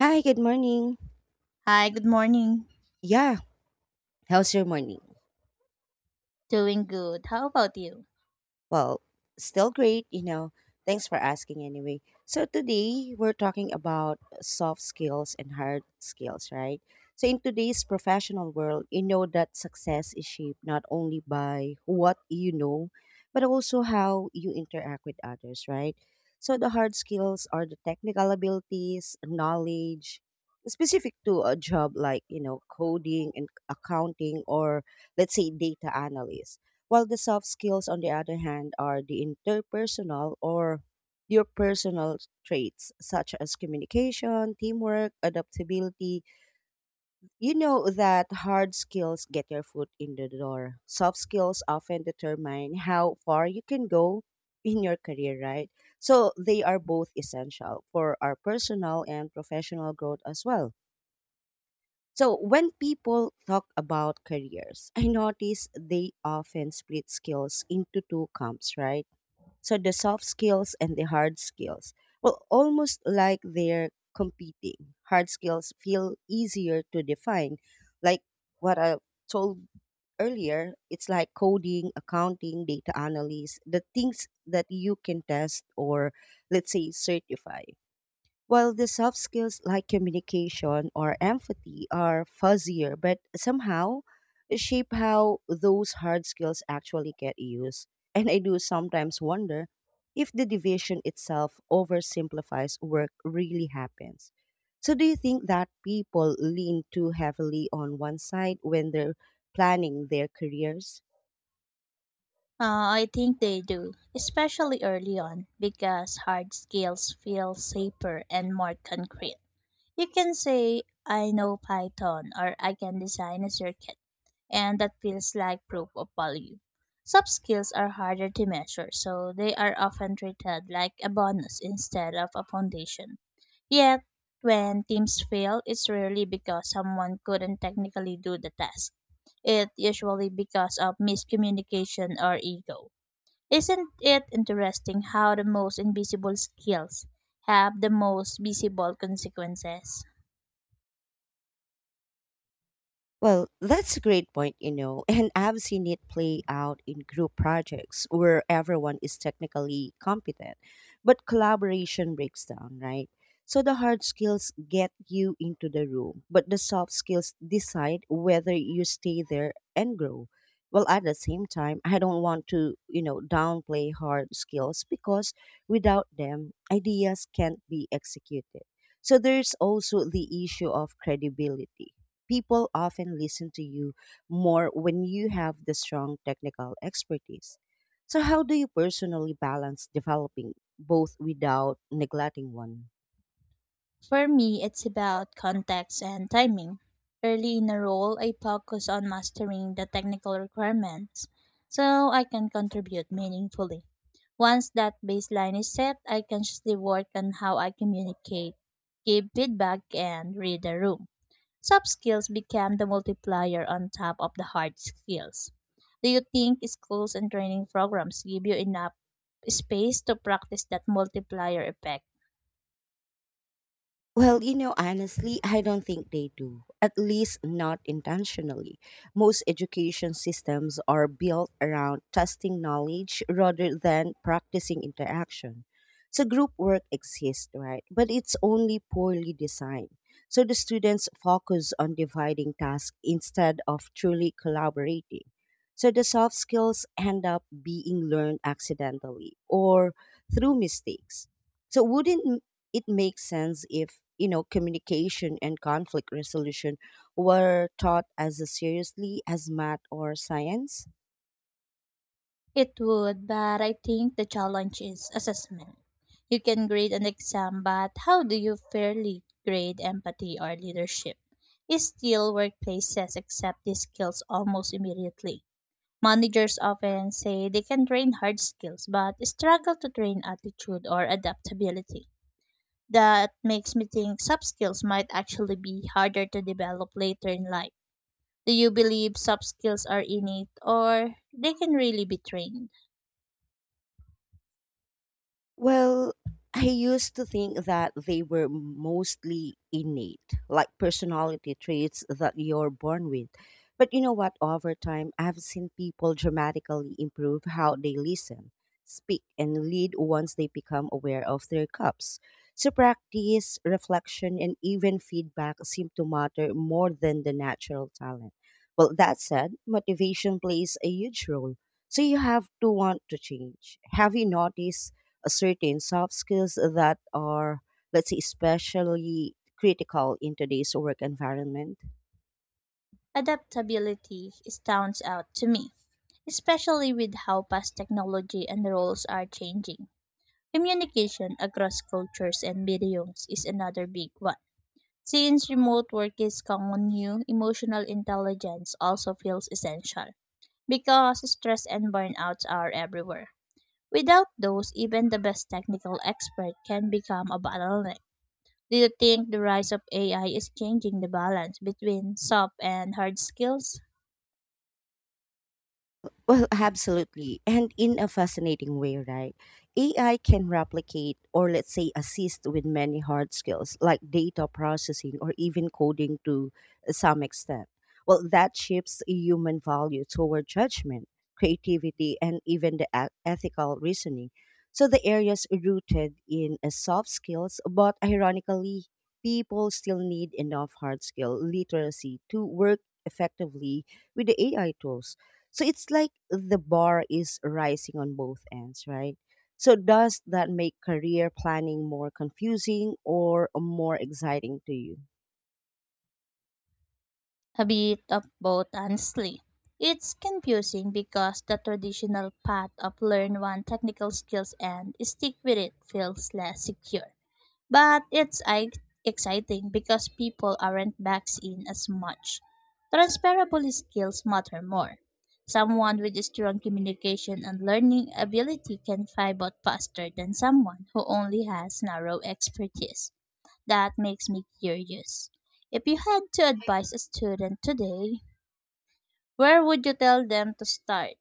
Hi, good morning. Hi, good morning. Yeah, how's your morning? Doing good. How about you? Well, still great, you know. Thanks for asking anyway. So today we're talking about soft skills and hard skills, right? So in today's professional world, you know that success is shaped not only by what you know, but also how you interact with others, right? So the hard skills are the technical abilities, knowledge specific to a job like, you know, coding and accounting or let's say data analyst while the soft skills, on the other hand, are the interpersonal or your personal traits such as communication, teamwork, adaptability. You know that hard skills get your foot in the door. Soft skills often determine how far you can go in your career, right? So they are both essential for our personal and professional growth as well. So when people talk about careers, I notice they often split skills into two camps, right? So the soft skills and the hard skills. Well, almost like they're competing. Hard skills feel easier to define. Like what I told earlier, it's like coding, accounting, data analysis, the things that you can test or let's say certify. While the soft skills like communication or empathy are fuzzier, but somehow shape how those hard skills actually get used. And I do sometimes wonder if the division itself oversimplifies work really happens. So, do you think that people lean too heavily on one side when they're planning their careers? I think they do, especially early on, because hard skills feel safer and more concrete. You can say, I know Python, or I can design a circuit, and that feels like proof of value. Soft skills are harder to measure, so they are often treated like a bonus instead of a foundation. Yet, when teams fail, it's rarely because someone couldn't technically do the task. It's usually because of miscommunication or ego. Isn't it interesting how the most invisible skills have the most visible consequences? Well, that's a great point, you know, and I've seen it play out in group projects where everyone is technically competent, but collaboration breaks down, right? So the hard skills get you into the room, but the soft skills decide whether you stay there and grow. Well, at the same time, I don't want to, you know, downplay hard skills because without them, ideas can't be executed. So there's also the issue of credibility people often listen to you more when you have the strong technical expertise. So, how do you personally balance developing both without neglecting one? For me, it's about context and timing. Early in a role, I focus on mastering the technical requirements so I can contribute meaningfully. Once that baseline is set, I consciously work on how I communicate, give feedback, and read the room. Soft skills become the multiplier on top of the hard skills. Do you think schools and training programs give you enough space to practice that multiplier effect? Well, you know, honestly, I don't think they do, at least not intentionally. Most education systems are built around testing knowledge rather than practicing interaction. So, group work exists, right? But it's only poorly designed. So, the students focus on dividing tasks instead of truly collaborating. So, the soft skills end up being learned accidentally or through mistakes. So wouldn't it makes sense if you know communication and conflict resolution were taught as seriously as math or science? It would, but I think the challenge is assessment. You can grade an exam, but how do you fairly grade empathy or leadership? Still, workplaces accept these skills almost immediately. Managers often say they can train hard skills, but struggle to train attitude or adaptability. That makes me think soft skills might actually be harder to develop later in life. Do you believe soft skills are innate or they can really be trained? Well, I used to think that they were mostly innate, like personality traits that you're born with. But you know what? Over time, I've seen people dramatically improve how they listen, speak, and lead once they become aware of their cups. So, practice, reflection, and even feedback seem to matter more than the natural talent. Well, that said, motivation plays a huge role. So, you have to want to change. Have you noticed a certain soft skills that are, let's say, especially critical in today's work environment? Adaptability stands out to me, especially with how fast technology and roles are changing. Communication across cultures and mediums is another big one. Since remote work is common new, emotional intelligence also feels essential because stress and burnouts are everywhere. Without those, even the best technical expert can become a bottleneck. Do you think the rise of AI is changing the balance between soft and hard skills? Well, absolutely. And in a fascinating way, right? AI can replicate or, let's say, assist with many hard skills like data processing or even coding to some extent. Well, that shifts human value toward judgment, creativity, and even the ethical reasoning. So the areas rooted in soft skills, but ironically, people still need enough hard skill literacy to work effectively with the AI tools so it's like the bar is rising on both ends, right? So does that make career planning more confusing or more exciting to you? A bit of both, honestly. It's confusing because the traditional path of learn one technical skills and stick with it feels less secure. But it's I- Exciting because people aren't backs in as much. Transferable skills matter more. Someone with strong communication and learning ability can find out faster than someone who only has narrow expertise. That makes me curious. If you had to advise a student today, where would you tell them to start?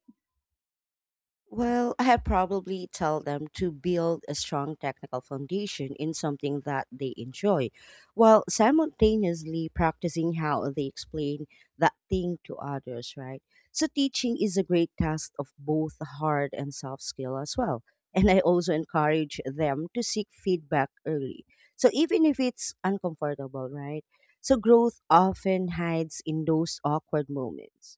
Well, I have probably tell them to build a strong technical foundation in something that they enjoy, while simultaneously practicing how they explain that thing to others, right? So teaching is a great test of both hard and soft skill as well. And I also encourage them to seek feedback early. So even if it's uncomfortable, right? So growth often hides in those awkward moments.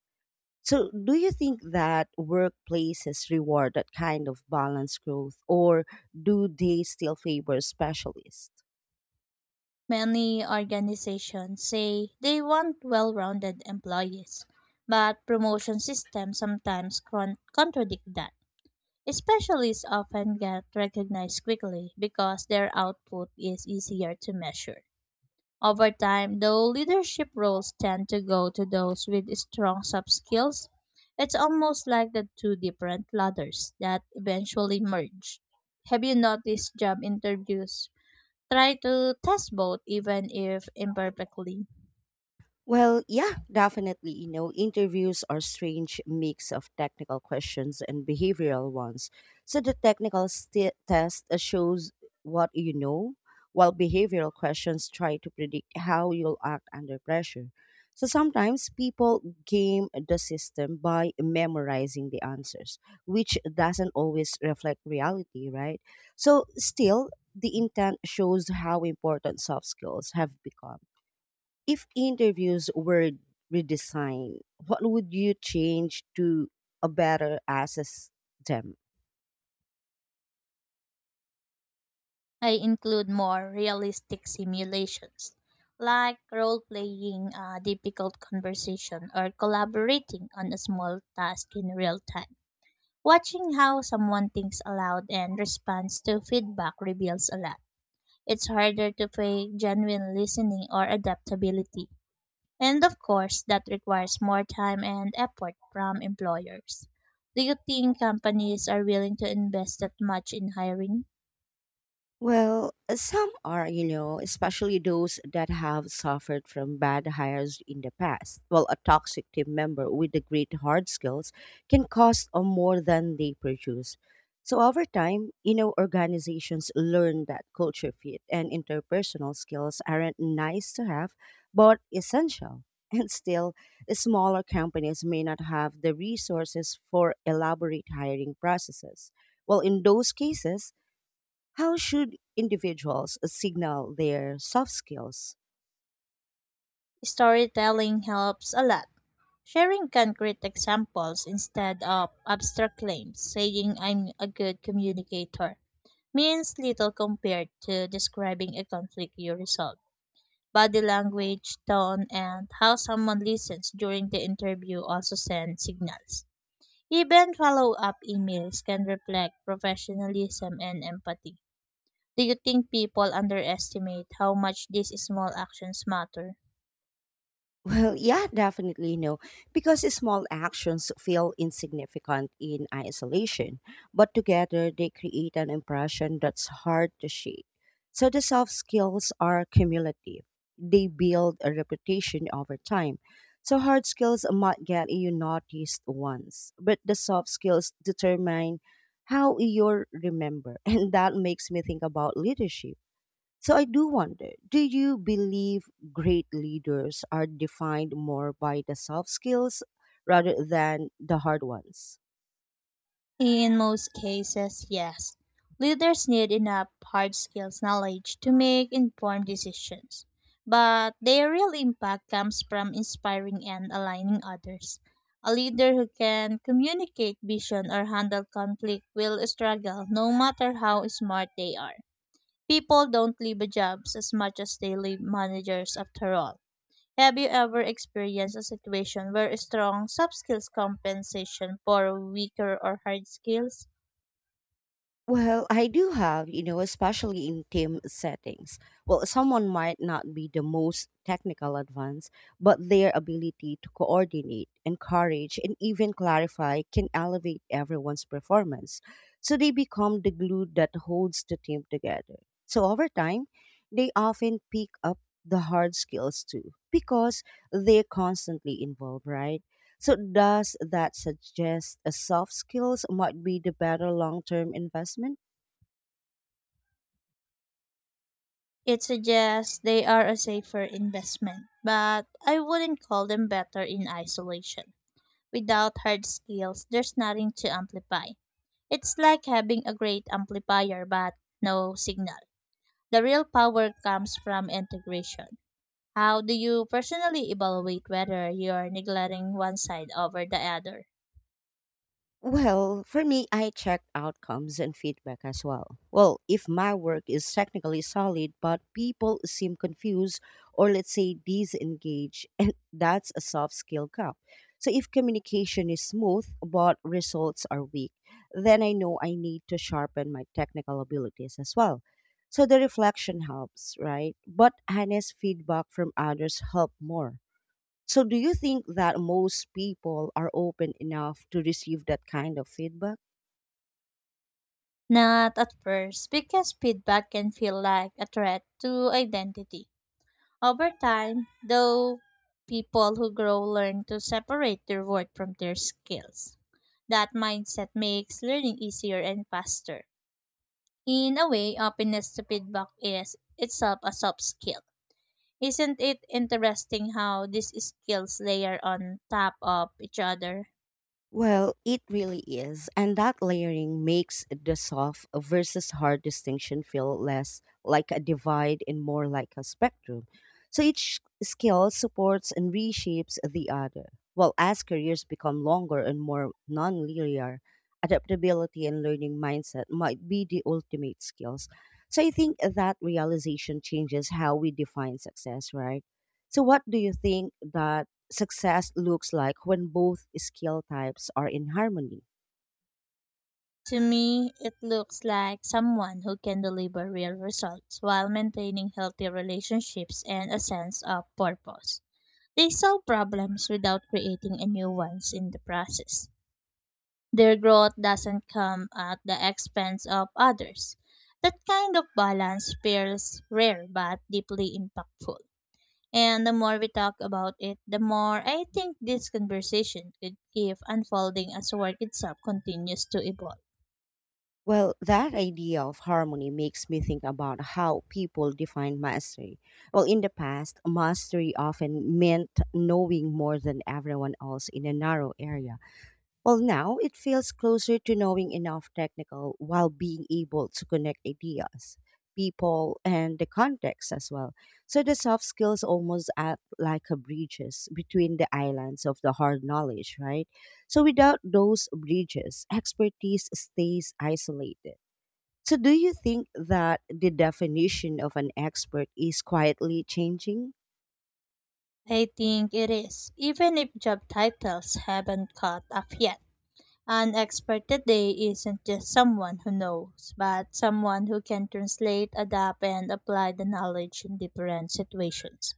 So, do you think that workplaces reward that kind of balanced growth, or do they still favor specialists? Many organizations say they want well rounded employees, but promotion systems sometimes contradict that. Specialists often get recognized quickly because their output is easier to measure. Over time, though leadership roles tend to go to those with strong soft skills, it's almost like the two different ladders that eventually merge. Have you noticed job interviews try to test both even if imperfectly? Well, yeah, definitely. You know, interviews are strange mix of technical questions and behavioral ones. So the technical sti test shows what you know, while behavioral questions try to predict how you'll act under pressure. So sometimes people game the system by memorizing the answers, which doesn't always reflect reality, right? So still, the intent shows how important soft skills have become. If interviews were redesigned, what would you change to a better assess them? I include more realistic simulations, like role playing a difficult conversation or collaborating on a small task in real time. Watching how someone thinks aloud and responds to feedback reveals a lot. It's harder to fake genuine listening or adaptability. And of course, that requires more time and effort from employers. Do you think companies are willing to invest that much in hiring? Well, some are, you know, especially those that have suffered from bad hires in the past. Well, a toxic team member with the great hard skills can cost more than they produce. So over time, you know, organizations learn that culture fit and interpersonal skills aren't nice to have, but essential. And still, smaller companies may not have the resources for elaborate hiring processes. Well, in those cases, how should individuals signal their soft skills? Storytelling helps a lot. Sharing concrete examples instead of abstract claims, saying I'm a good communicator, means little compared to describing a conflict you resolve. Body language, tone, and how someone listens during the interview also send signals. Even follow up emails can reflect professionalism and empathy. Do you think people underestimate how much these small actions matter? Well, yeah, definitely no, because small actions feel insignificant in isolation, but together they create an impression that's hard to shake. So the soft skills are cumulative. They build a reputation over time. So hard skills might get you noticed once, but the soft skills determine how you're remembered. And that makes me think about leadership. So I do wonder, do you believe great leaders are defined more by the soft skills rather than the hard ones? In most cases, yes. Leaders need enough hard skills knowledge to make informed decisions, but their real impact comes from inspiring and aligning others. A leader who can communicate vision or handle conflict will struggle no matter how smart they are. People don't leave jobs as much as they leave managers after all. Have you ever experienced a situation where strong soft skills compensation for weaker or hard skills? Well, I do have, you know, especially in team settings. Well, someone might not be the most technical advanced, but their ability to coordinate, encourage, and even clarify can elevate everyone's performance. So they become the glue that holds the team together. So over time, they often pick up the hard skills too because they're constantly involved, right? So does that suggest a soft skills might be the better long-term investment? It suggests they are a safer investment, but I wouldn't call them better in isolation. Without hard skills, there's nothing to amplify. It's like having a great amplifier but no signal. The real power comes from integration. How do you personally evaluate whether you're neglecting one side over the other? Well, for me, I check outcomes and feedback as well. Well, if my work is technically solid, but people seem confused or let's say disengaged, and that's a soft skill gap. So if communication is smooth, but results are weak, then I know I need to sharpen my technical abilities as well. So the reflection helps, right? But honest feedback from others help more. So do you think that most people are open enough to receive that kind of feedback? Not at first, because feedback can feel like a threat to identity. Over time, though, people who grow learn to separate their work from their skills. That mindset makes learning easier and faster. In a way, openness to feedback is itself a soft skill. Isn't it interesting how these skills layer on top of each other? Well, it really is. And that layering makes the soft versus hard distinction feel less like a divide and more like a spectrum. So each skill supports and reshapes the other. While as careers become longer and more non linear, adaptability and learning mindset might be the ultimate skills. So I think that realization changes how we define success, right? So, what do you think that success looks like when both skill types are in harmony? To me, it looks like someone who can deliver real results while maintaining healthy relationships and a sense of purpose. They solve problems without creating a new ones in the process. Their growth doesn't come at the expense of others. That kind of balance feels rare but deeply impactful. And the more we talk about it, the more I think this conversation could keep unfolding as work itself continues to evolve. Well, that idea of harmony makes me think about how people define mastery. Well, in the past, mastery often meant knowing more than everyone else in a narrow area. Well, now it feels closer to knowing enough technical while being able to connect ideas, people, and the context as well. So the soft skills almost act like a bridges between the islands of the hard knowledge, right? So without those bridges, expertise stays isolated. So do you think that the definition of an expert is quietly changing? I think it is, even if job titles haven't caught up yet. An expert today isn't just someone who knows, but someone who can translate, adapt, and apply the knowledge in different situations.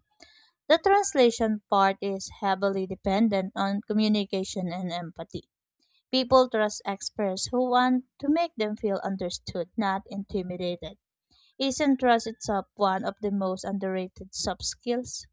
The translation part is heavily dependent on communication and empathy. People trust experts who want to make them feel understood, not intimidated. Isn't trust itself one of the most underrated soft skills?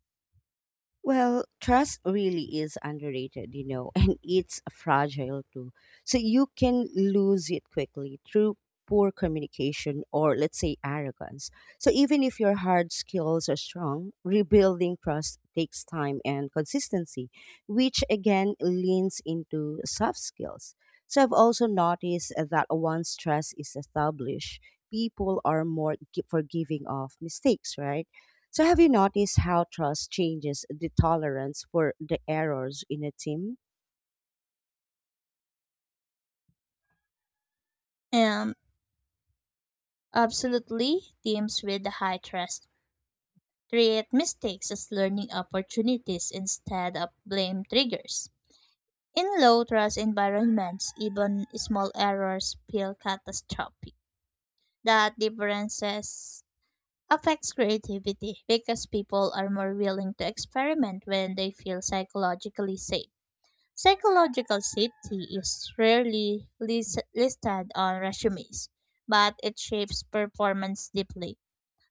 Well, trust really is underrated, you know, and it's fragile too. So you can lose it quickly through poor communication or, let's say, arrogance. So even if your hard skills are strong, rebuilding trust takes time and consistency, which again leans into soft skills. So I've also noticed that once trust is established, people are more forgiving of mistakes, right? So, have you noticed how trust changes the tolerance for the errors in a team? Um, Absolutely, teams with high trust treat mistakes as learning opportunities instead of blame triggers. In low trust environments, even small errors feel catastrophic. That differences affects creativity because people are more willing to experiment when they feel psychologically safe. Psychological safety is rarely listed on resumes, but it shapes performance deeply.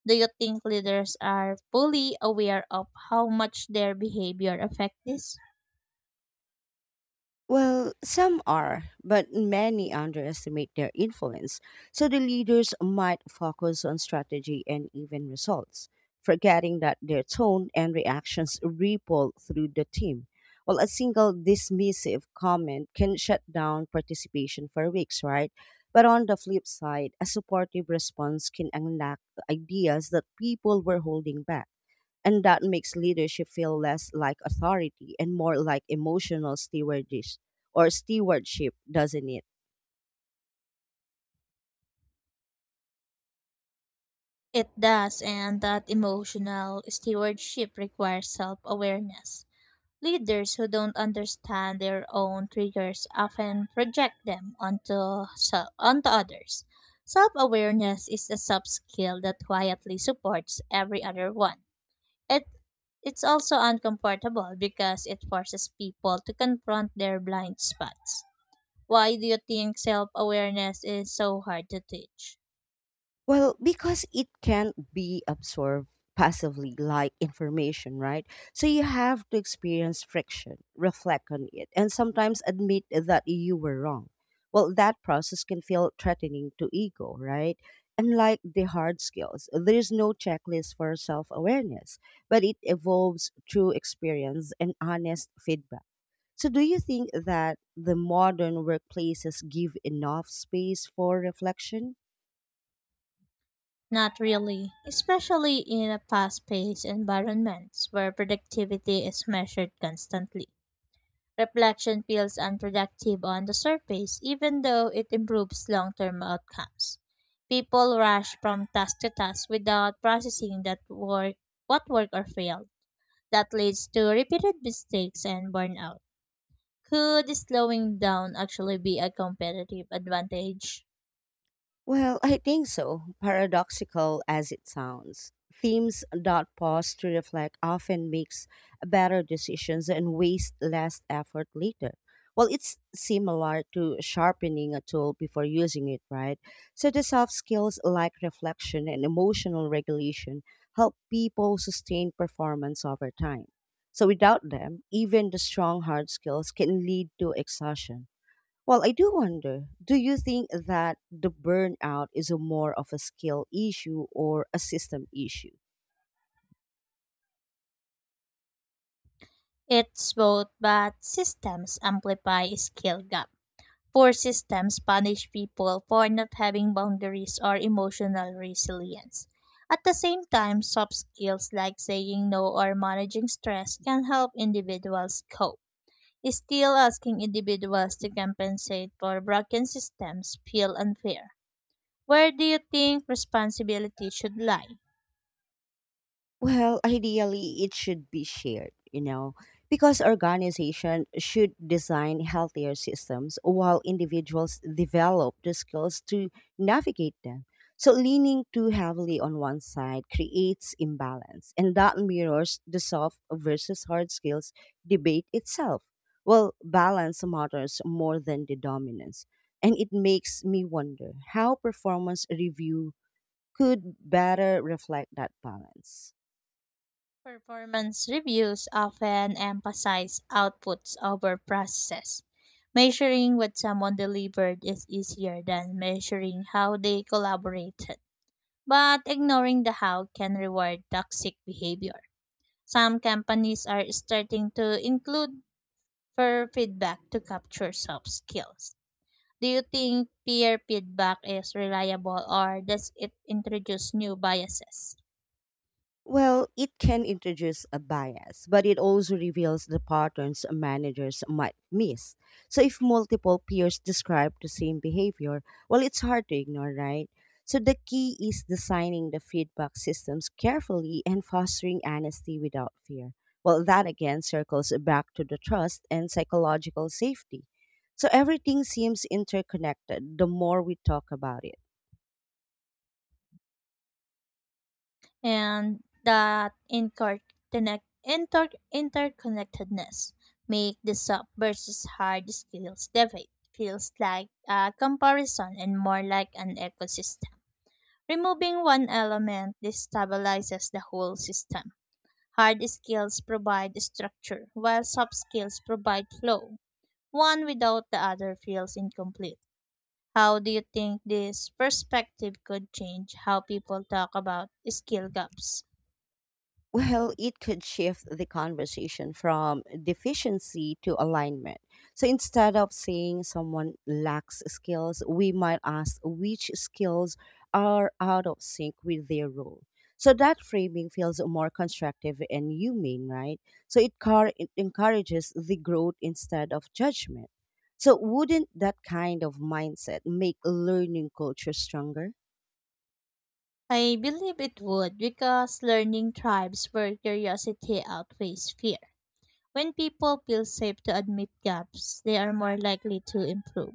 Do you think leaders are fully aware of how much their behavior affects this? Well, some are, but many underestimate their influence. So, the leaders might focus on strategy and even results, forgetting that their tone and reactions ripple through the team. Well, a single dismissive comment can shut down participation for weeks, right? But on the flip side, a supportive response can unlock ideas that people were holding back. And that makes leadership feel less like authority and more like emotional stewardship or stewardship, doesn't it? It does, and that emotional stewardship requires self awareness. Leaders who don't understand their own triggers often project them onto others. Self awareness is a soft skill that quietly supports every other one. It it's also uncomfortable because it forces people to confront their blind spots. Why do you think self awareness is so hard to teach? Well, because it can't be absorbed passively like information, right? So you have to experience friction, reflect on it, and sometimes admit that you were wrong. Well, that process can feel threatening to ego, right? Unlike the hard skills, there's no checklist for self awareness, but it evolves through experience and honest feedback. So, do you think that the modern workplaces give enough space for reflection? Not really, especially in a fast paced environment where productivity is measured constantly. Reflection feels unproductive on the surface, even though it improves long term outcomes. People rush from task to task without processing that work, what worked or failed. That leads to repeated mistakes and burnout. Could slowing down actually be a competitive advantage? Well, I think so, paradoxical as it sounds. Themes that pause to reflect often makes better decisions and waste less effort later. Well, it's similar to sharpening a tool before using it, right? So the soft skills like reflection and emotional regulation help people sustain performance over time. So without them, even the strong hard skills can lead to exhaustion. Well, I do wonder, do you think that the burnout is a more of a skill issue or a system issue? It's both, but systems amplify skill gap. Poor systems punish people for not having boundaries or emotional resilience. At the same time, soft skills like saying no or managing stress can help individuals cope. Still, asking individuals to compensate for broken systems feel unfair. Where do you think responsibility should lie? Well, ideally, it should be shared, you know, because organization should design healthier systems while individuals develop the skills to navigate them. So, leaning too heavily on one side creates imbalance, and that mirrors the soft versus hard skills debate itself. Well, balance matters more than the dominance, and it makes me wonder how performance review could better reflect that balance. Performance reviews often emphasize outputs over processes. Measuring what someone delivered is easier than measuring how they collaborated. But ignoring the how can reward toxic behavior. Some companies are starting to include peer feedback to capture soft skills. Do you think peer feedback is reliable or does it introduce new biases? Well, it can introduce a bias, but it also reveals the patterns managers might miss. So, if multiple peers describe the same behavior, well, it's hard to ignore, right? So, the key is designing the feedback systems carefully and fostering honesty without fear. Well, that again circles back to the trust and psychological safety. So, everything seems interconnected the more we talk about it. And that interconnectedness make the soft versus hard skills debate feels like a comparison and more like an ecosystem. Removing one element destabilizes the whole system. Hard skills provide structure, while soft skills provide flow. One without the other feels incomplete. How do you think this perspective could change how people talk about skill gaps? Well, it could shift the conversation from deficiency to alignment. So instead of saying someone lacks skills, we might ask which skills are out of sync with their role. So that framing feels more constructive and humane, right? So it encourages the growth instead of judgment. So wouldn't that kind of mindset make learning culture stronger? I believe it would because learning thrives where curiosity outweighs fear. When people feel safe to admit gaps, they are more likely to improve.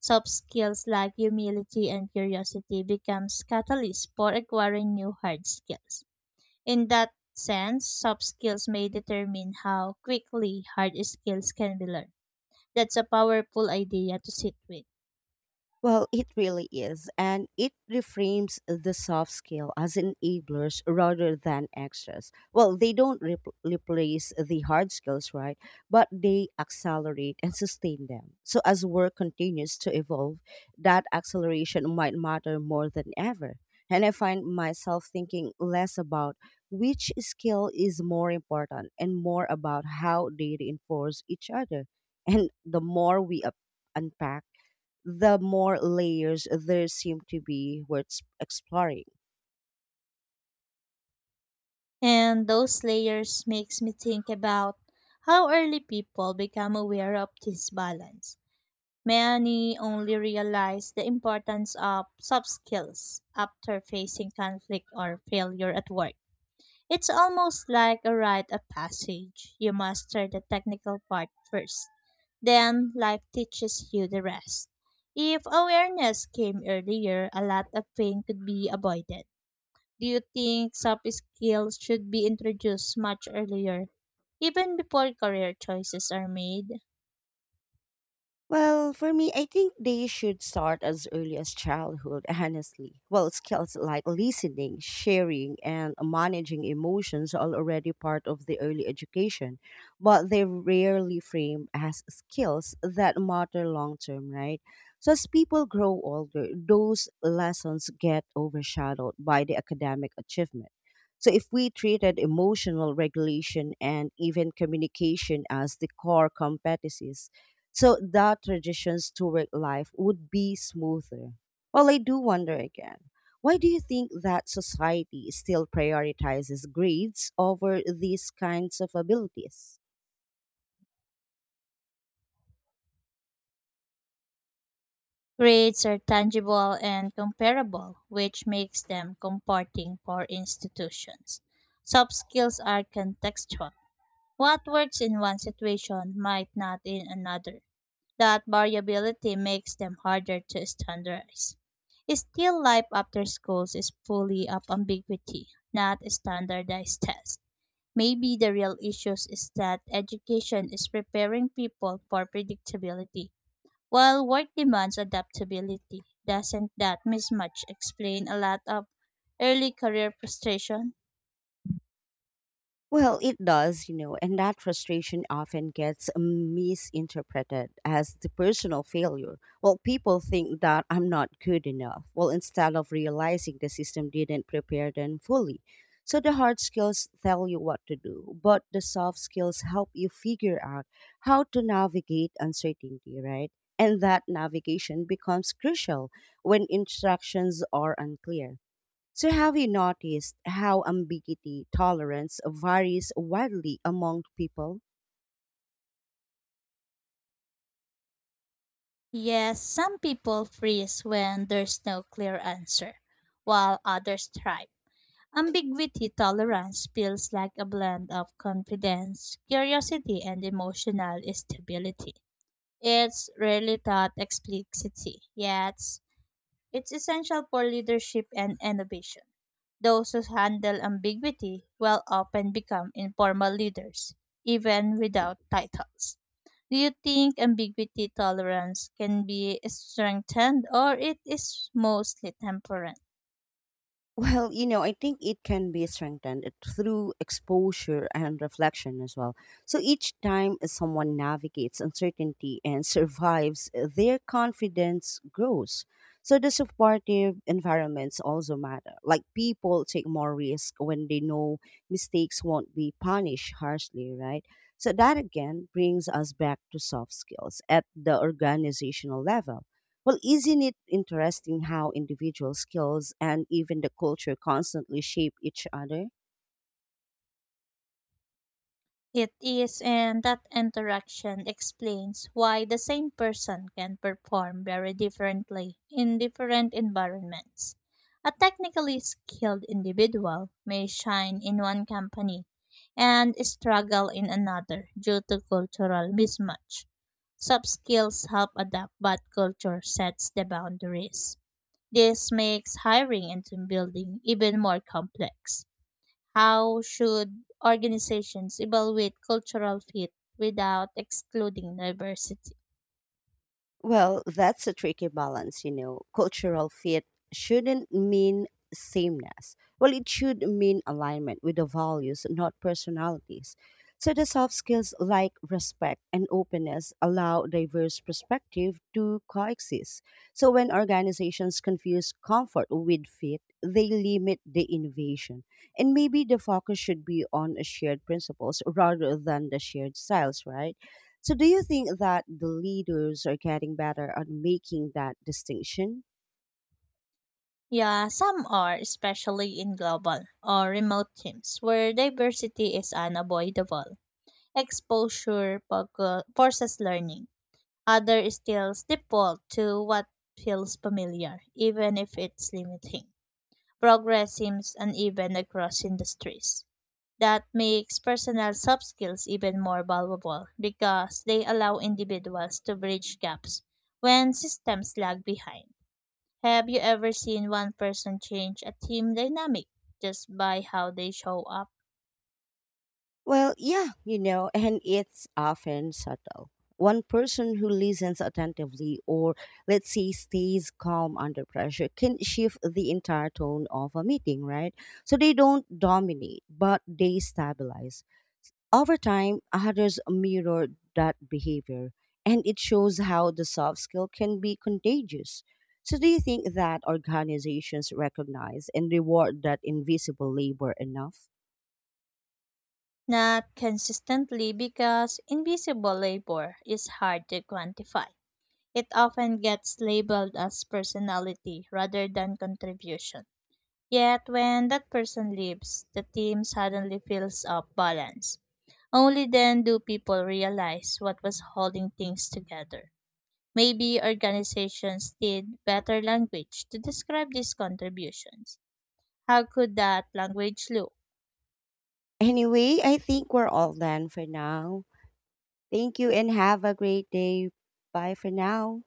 Soft skills like humility and curiosity becomes catalysts for acquiring new hard skills. In that sense, soft skills may determine how quickly hard skills can be learned. That's a powerful idea to sit with. Well, it really is. And it reframes the soft skill as enablers rather than extras. Well, they don't replace the hard skills, right? But they accelerate and sustain them. So as work continues to evolve, that acceleration might matter more than ever. And I find myself thinking less about which skill is more important and more about how they reinforce each other. And the more we unpack, the more layers there seem to be worth exploring. And those layers makes me think about how early people become aware of this balance. Many only realize the importance of soft skills after facing conflict or failure at work. It's almost like a rite of passage. You master the technical part first, then life teaches you the rest. If awareness came earlier, a lot of pain could be avoided. Do you think soft skills should be introduced much earlier, even before career choices are made? Well, for me, I think they should start as early as childhood, honestly. Well, skills like listening, sharing, and managing emotions are already part of the early education, but they're rarely framed as skills that matter long term, right? So, as people grow older, those lessons get overshadowed by the academic achievement. So, if we treated emotional regulation and even communication as the core competencies, so the transitions to work life would be smoother. Well, I do wonder again. Why do you think that society still prioritizes grades over these kinds of abilities? Grades are tangible and comparable, which makes them comforting for institutions. Soft skills are contextual. What works in one situation might not in another. That variability makes them harder to standardize. Still life after schools is fully of ambiguity, not standardized tests. Maybe the real issues is that education is preparing people for predictability, while work demands adaptability. Doesn't that mismatch explain a lot of early career frustration? Well, it does, you know, and that frustration often gets misinterpreted as the personal failure. Well, people think that I'm not good enough. Well, instead of realizing the system didn't prepare them fully. So the hard skills tell you what to do, but the soft skills help you figure out how to navigate uncertainty, right? And that navigation becomes crucial when instructions are unclear. So, have you noticed how ambiguity tolerance varies widely among people? Yes, some people freeze when there's no clear answer, while others thrive. Ambiguity tolerance feels like a blend of confidence, curiosity, and emotional stability. It's rarely taught explicitly, yet it's essential for leadership and innovation. Those who handle ambiguity will often become informal leaders, even without titles. Do you think ambiguity tolerance can be strengthened or it is mostly temporary? Well, you know, I think it can be strengthened through exposure and reflection as well. So each time someone navigates uncertainty and survives, their confidence grows. So the supportive environments also matter. Like people take more risk when they know mistakes won't be punished harshly, right? So that again brings us back to soft skills at the organizational level. Well, isn't it interesting how individual skills and even the culture constantly shape each other? It is, and that interaction explains why the same person can perform very differently in different environments. A technically skilled individual may shine in one company and struggle in another due to cultural mismatch. Soft skills help adapt, but culture sets the boundaries. This makes hiring and team building even more complex. How should organizations evaluate cultural fit without excluding diversity? Well, that's a tricky balance, you know. Cultural fit shouldn't mean sameness. Well, it should mean alignment with the values, not personalities. So the soft skills like respect and openness allow diverse perspective to coexist. So when organizations confuse comfort with fit, they limit the innovation. And maybe the focus should be on shared principles rather than the shared styles, right? So, do you think that the leaders are getting better at making that distinction? Yeah, some are, especially in global or remote teams where diversity is unavoidable. Exposure forces learning. Other still default to what feels familiar, even if it's limiting. Progress seems uneven across industries. That makes personal soft skills even more valuable because they allow individuals to bridge gaps when systems lag behind. Have you ever seen one person change a team dynamic just by how they show up? Well, yeah, you know, and it's often subtle. One person who listens attentively or, let's say, stays calm under pressure can shift the entire tone of a meeting, right? So they don't dominate, but they stabilize. Over time, others mirror that behavior, and it shows how the soft skill can be contagious. So, do you think that organizations recognize and reward that invisible labor enough? Not consistently because invisible labor is hard to quantify. It often gets labeled as personality rather than contribution. Yet when that person leaves, the team suddenly feels off balance. Only then do people realize what was holding things together. Maybe organizations need better language to describe these contributions. How could that language look? Anyway, I think we're all done for now. Thank you and have a great day. Bye for now.